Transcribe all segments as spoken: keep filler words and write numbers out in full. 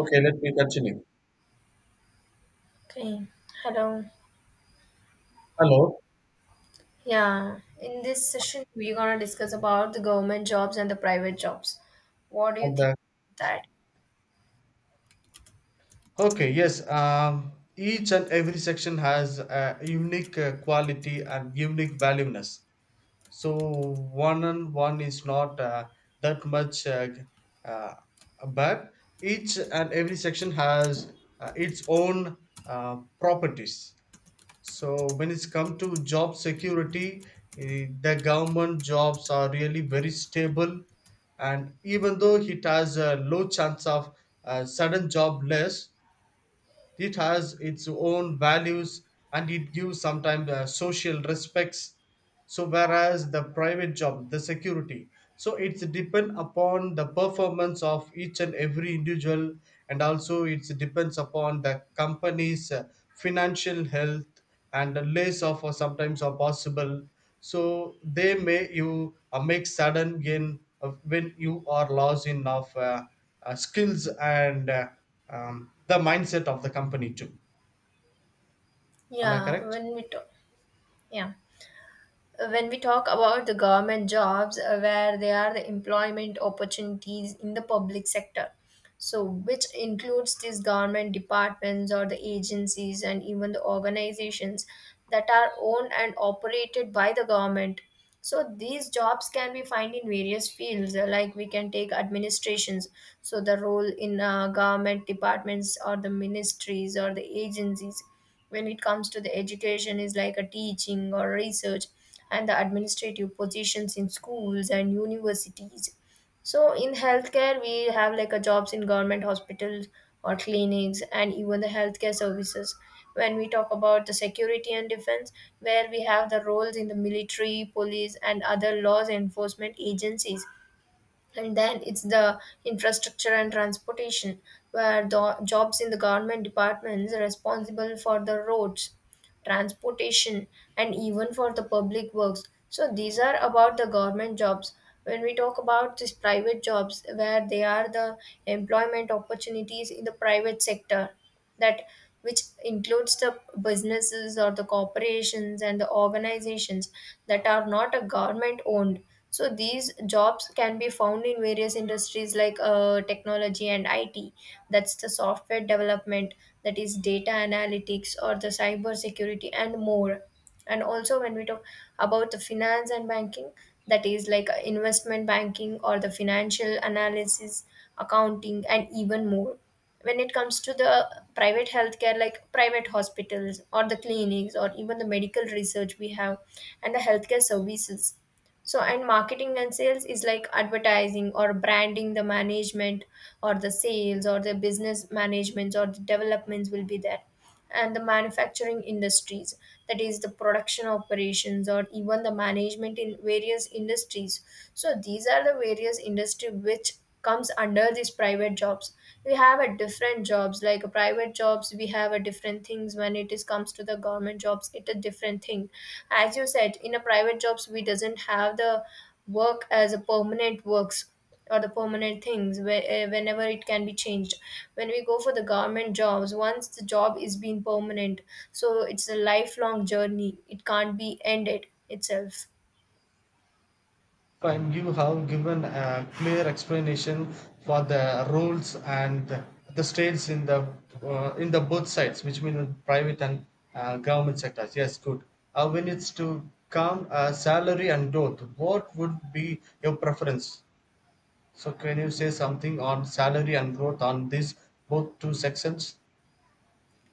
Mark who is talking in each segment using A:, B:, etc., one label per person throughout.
A: Okay, let me continue.
B: Okay, hello.
A: Hello.
B: Yeah, in this session, we're gonna discuss about the government jobs and the private jobs. What do you
A: And
B: think
A: the,
B: of that?
A: okay, yes. Um, each and every section has a unique uh, quality and unique valueness. So one and one is not uh, that much uh, uh, bad. Each and every section has uh, its own uh, properties. So when it's come to job security, eh, the government jobs are really very stable, and even though it has a low chance of uh, sudden job loss, it has its own values, and it gives sometimes uh, social respects. So whereas the private job, the security, so it's depend upon the performance of each and every individual, and also it depends upon the company's uh, financial health, and the less of or sometimes are possible. So they may you uh, make sudden gain of when you are lost in of uh, uh, skills and uh, um, the mindset of the company too. Am I
B: Yeah,
A: correct?
B: when we talk, yeah, when we talk about the government jobs, uh, where they are the employment opportunities in the public sector, so which includes these government departments or the agencies and even the organizations that are owned and operated by the government. So these jobs can be found in various fields, uh, like we can take administrations, so the role in uh, government departments or the ministries or the agencies. When it comes to the education, is like a teaching or research and the administrative positions in schools and universities. So in healthcare, we have like a jobs in government hospitals or clinics and even the healthcare services. When we talk about the security and defense, where we have the roles in the military, police, and other laws enforcement agencies, and then it's the infrastructure and transportation where the jobs in the government departments are responsible for the roads, transportation, and even for the public works. So these are about the government jobs. When we talk about these private jobs, where they are the employment opportunities in the private sector that which includes the businesses or the corporations and the organizations that are not a government owned, so these jobs can be found in various industries like uh, technology and I T. That's the software development, that is data analytics or the cyber security and more. And also when we talk about the finance and banking, that is like uh, investment banking or the financial analysis, accounting, and even more. When it comes to the private healthcare like private hospitals or the clinics or even the medical research we have, and the healthcare services, so and marketing and sales is like advertising or branding, the management or the sales or the business management or the developments will be there, and the manufacturing industries, that is the production operations or even the management in various industries. So these are the various industry which comes under these private jobs. We have a different jobs, like a private jobs we have a different things, when it is comes to the government jobs it a different thing. As you said, in a private jobs we doesn't have the work as a permanent works or the permanent things where, eh, whenever it can be changed. When we go for the government jobs, once the job is being permanent, so it's a lifelong journey, it can't be ended itself.
A: And you have given a clear explanation for the rules and the states in the uh, in the both sides, which means private and uh, government sectors. Yes, good. uh, when it's to come uh, salary and growth, what would be your preference? So can you say something on salary and growth on these both two sections?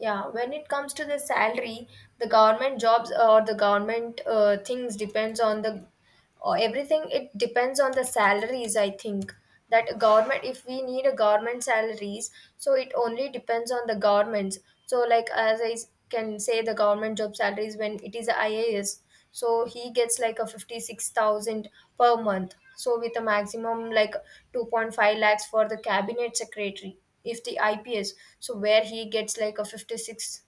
B: Yeah, when it comes to the salary, the government jobs or the government uh, things depends on the or everything. It depends on the salaries. I think that government, if we need a government salaries, so it only depends on the governments. So like as I s- can say, the government job salaries, when it is I A S, so he gets like a fifty-six thousand per month, so with a maximum like two point five lakhs for the cabinet secretary. If the I P S, so where he gets like a 56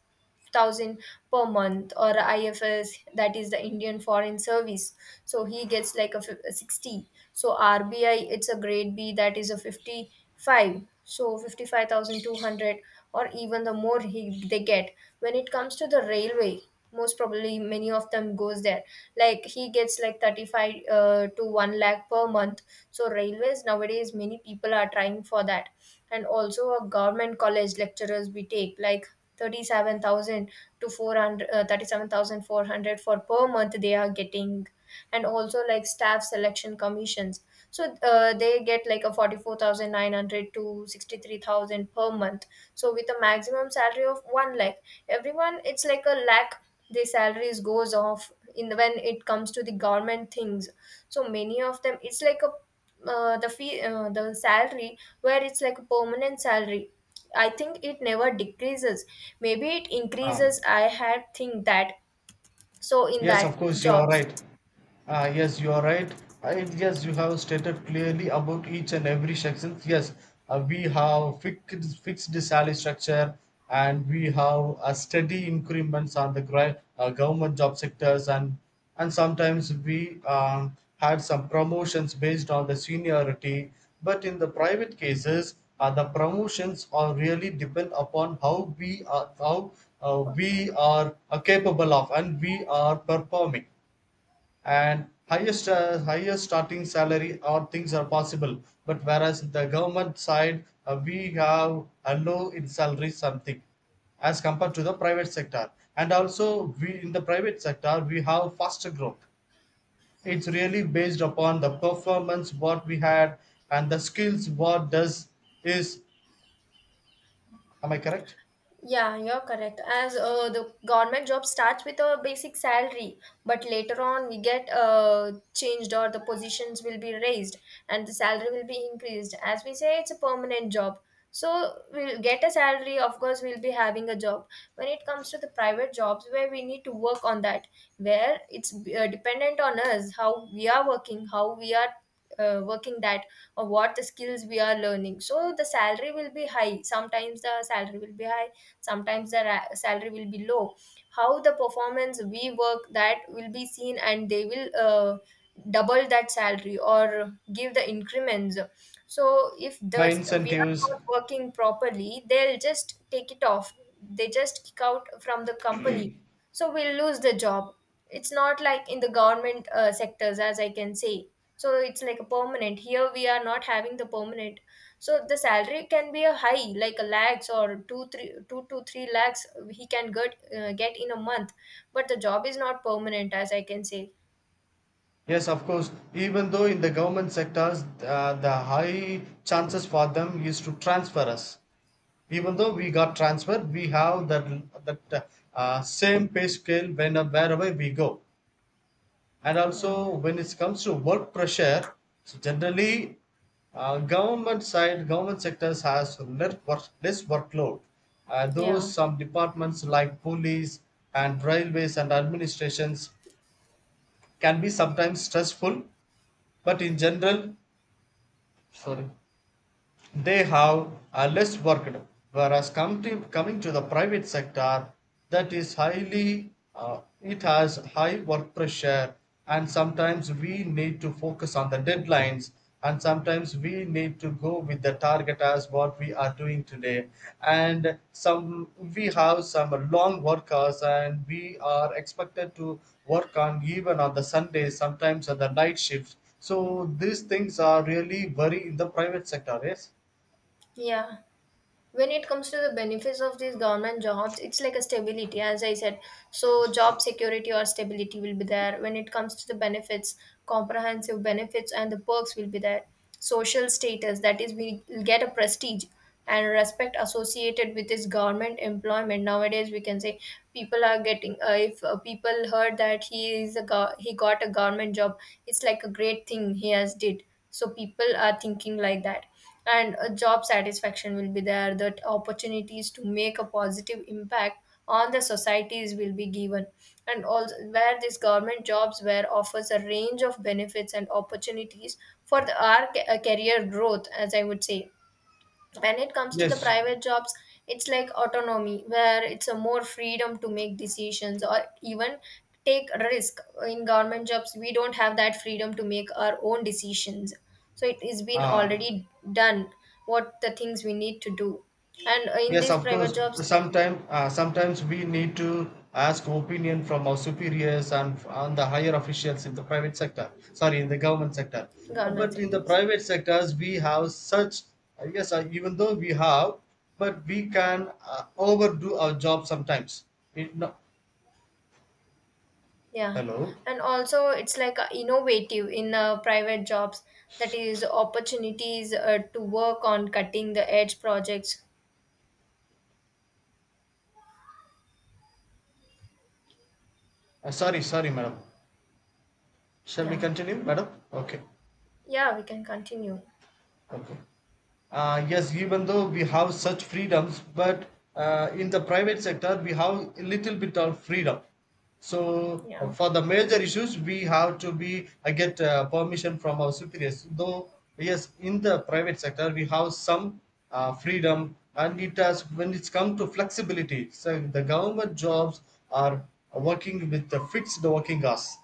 B: thousand per month, or I F S, that is the Indian Foreign Service, so he gets like a, fif- a sixty. So R B I, it's a grade B, that is a fifty-five, so fifty-five thousand two hundred or even the more he they get. When it comes to the railway, most probably many of them goes there, like he gets like thirty-five uh, to one lakh per month. So railways, nowadays many people are trying for that. And also a government college lecturers, we take like thirty-seven thousand to four hundred uh, thirty-seven thousand four hundred for per month they are getting. And also like staff selection commissions. So uh, they get like a forty-four thousand nine hundred to sixty-three thousand per month. So with a maximum salary of one lakh, everyone it's like a lakh. The salaries goes off in the, when it comes to the government things. So many of them, it's like a uh, the fee, uh, the salary where it's like a permanent salary. I think it never decreases. Maybe it increases.
A: um,
B: I had think that. So in
A: yes, of
B: that
A: course you are
B: jobs
A: right. Ah, yes, you are right. I, yes, you have stated clearly about each and every section. Yes, uh, we have fixed, fixed salary structure, and we have a steady increments on the gri- uh, government job sectors, and and sometimes we um, had some promotions based on the seniority. But in the private cases, uh, the promotions are really depend upon how we are how uh,
B: perform.
A: we are uh, capable of and we are performing, and highest uh, higher starting salary or things are possible, but whereas the government side, uh, we have a low in salary something as compared to the private sector. And also we, in the private sector, we have faster growth. It's really based upon the performance what we had and the skills what does is. Am I correct?
B: Yeah, you're correct. As uh, the government job starts with a basic salary, but later on we get uh, changed or the positions will be raised and the salary will be increased. As we say, it's a permanent job. So we'll get a salary, of course, we'll be having a job. When it comes to the private jobs, where we need to work on that, where it's uh, dependent on us, how we are working, how we are uh, working that, or what the skills we are learning. So the salary will be high, sometimes the salary will be high, sometimes the ra- salary will be low. How the performance we work, that will be seen, and they will uh, double that salary or give the increments. So if the
A: By
B: we are
A: incentives.
B: not working properly, they'll just take it off, they just kick out from the company, so we'll lose the job. It's not like in the government uh, sectors, as I can say. So it's like a permanent, here we are not having the permanent. So the salary can be a high like a lakhs, or two three two to three lakhs he can get uh, get in a month, but the job is not permanent, as I can say.
A: Yes, of course. Even though in the government sectors, uh, the high chances for them is to transfer us. Even though we got transferred, we have that that uh, same pay scale when wherever we go. And
B: Yeah,
A: also when it comes to work pressure, so generally, uh, government side, government sectors has less, work, less workload. Uh, those
B: yeah,
A: some departments like police and railways and administrations can be sometimes stressful, but in general, sorry, they have are less worked, whereas come to, coming to the private sector, that is highly uh, it has high work pressure. And sometimes we need to focus on the deadlines, and sometimes we need to go with the target as what we are doing today, and some we have some long workers and we are expected to work on even on the sundays, sometimes on the night shifts, so these things are really very in the private sector. Yes.
B: yeah. When it comes to the benefits of these government jobs, it's like a stability, as I said. So job security or stability will be there. When it comes to the benefits, comprehensive benefits and the perks will be there. Social status, that is we get a prestige and respect associated with this government employment, nowadays we can say. People are getting, uh, if uh, people heard that he is a go- he got a government job, it's like a great thing he has did, so people are thinking like that. And a job satisfaction will be there, that opportunities to make a positive impact on the societies will be given. And also where these government jobs where offers a range of benefits and opportunities for the our ca- uh, career growth, as I would say. When it comes to the
A: Yes,
B: private jobs, it's like autonomy, where it's a more freedom to make decisions or even take risk. In government jobs, we don't have that freedom to make our own decisions, so it is been
A: uh,
B: already done what the things we need to do. And in
A: yes,
B: these
A: of
B: private
A: course.
B: jobs,
A: Sometime, uh, sometimes we need to ask opinion from our superiors and and the higher officials in the private sector. Sorry, in the government sector. Uh,
B: government
A: But in the
B: sectors.
A: private sectors, we have such. uh, yes, uh, even though we have, but we can uh, overdo our job sometimes. It, no,
B: Yeah.
A: hello.
B: And also it's like uh, innovative in uh, private jobs, that is opportunities uh, to work on cutting the edge projects.
A: Uh, sorry, sorry, madam. Shall we
B: Yeah.
A: continue, madam? Okay,
B: Yeah, we can continue.
A: okay. Uh, yes, even though we have such freedoms, but uh, in the private sector, we have a little bit of freedom. So uh,
B: Yeah.
A: for the major issues, we have to be uh, get uh, permission from our superiors. Though yes, in the private sector, we have some uh, freedom, and it has when it's come to flexibility. So the government jobs are working with the fixed working hours,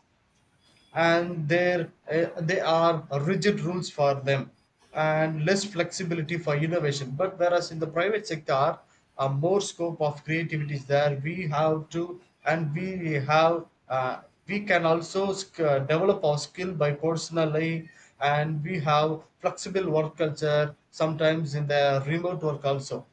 A: and there uh, they are rigid rules for them and less flexibility for innovation, but whereas in the private sector, uh, more scope of creativity is there. We have to, and we have uh, we can also sc- uh, develop our skill by personally, and we have flexible work culture sometimes in the remote work also.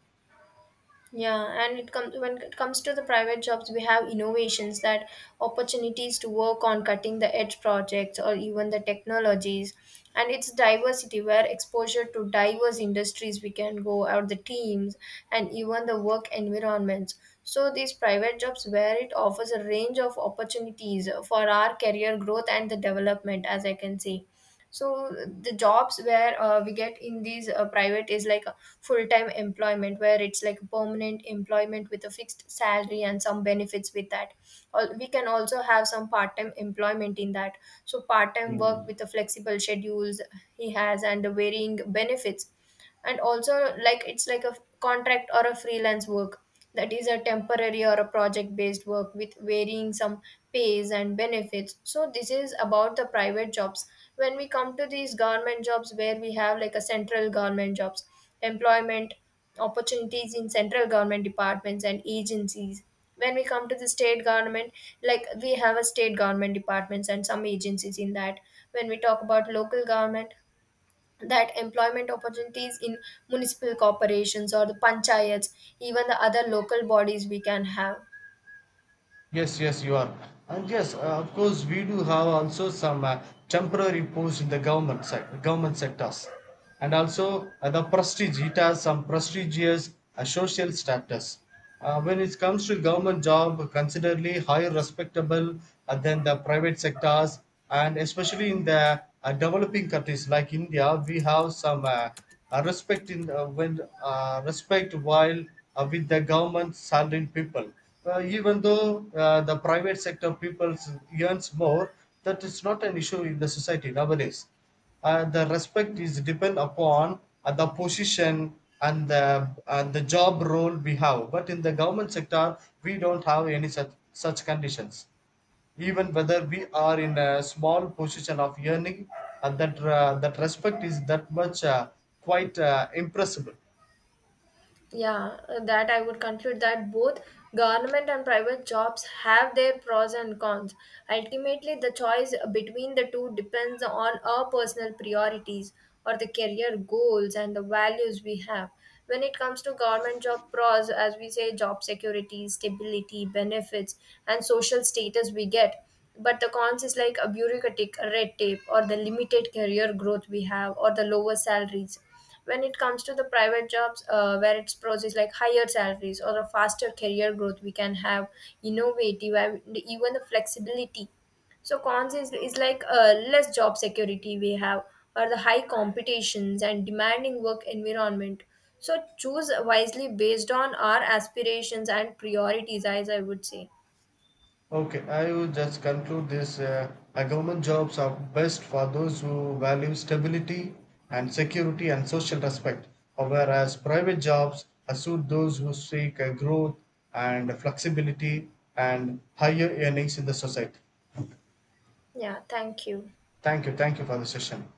B: Yeah, and it comes when it comes to the private jobs, we have innovations that opportunities to work on cutting the edge projects or even the technologies. And it's diversity, where exposure to diverse industries we can go out the teams and even the work environments. So these private jobs where it offers a range of opportunities for our career growth and the development, as I can say. So the jobs where uh, we get in these uh, private is like a full-time employment, where it's like permanent employment with a fixed salary and some benefits with that. Al- we can also have some part-time employment in that, so part-time work
A: Hmm.
B: with the flexible schedules he has, and the varying benefits. And also like it's like a contract or a freelance work, that is a temporary or a project based work with varying some pays and benefits. So this is about the private jobs. When we come to these government jobs, where we have like a central government jobs, employment opportunities in central government departments and agencies. When we come to the state government, like we have a state government departments and some agencies in that. When we talk about local government, that employment opportunities in municipal corporations or the panchayats, even the other local bodies we can have.
A: Yes, yes, you are. And yes, uh, of course, we do have also some uh, temporary posts in the government sec- government sectors, and also uh, the prestige. It has some prestigious uh, social status. Uh, when it comes to government job, considerably higher respectable uh, than the private sectors, and especially in the uh, developing countries like India, we have some. Uh, uh, respect in uh, when uh, respect while uh, with the government salaried people. Uh, even though uh, the private sector people earns more, that is not an issue in the society nowadays. Uh, the respect is depend upon uh, the position and the and the job role we have. But in the government sector, we don't have any such such conditions, even whether we are in a small position of yearning, and that uh, that respect is that much uh, quite uh, impressible.
B: Yeah, uh, that I would conclude that both government and private jobs have their pros and cons. Ultimately, the choice between the two depends on our personal priorities or the career goals and the values we have. When it comes to government job pros, as we say, job security, stability, benefits, and social status we get. But the cons is like a bureaucratic red tape or the limited career growth we have or the lower salaries. When it comes to the private jobs, uh, where its pros is like higher salaries or a faster career growth we can have, innovative and even the flexibility. So cons is, is like uh, less job security we have, or the high competitions and demanding work environment. So choose wisely based on our aspirations and priorities, as I would say.
A: Okay, I will just conclude this. uh, uh, government jobs are best for those who value stability and security and social respect, uh, whereas private jobs uh, suit those who seek uh, growth and flexibility and higher earnings in the society.
B: Yeah, thank you.
A: Thank you. Thank you for the session.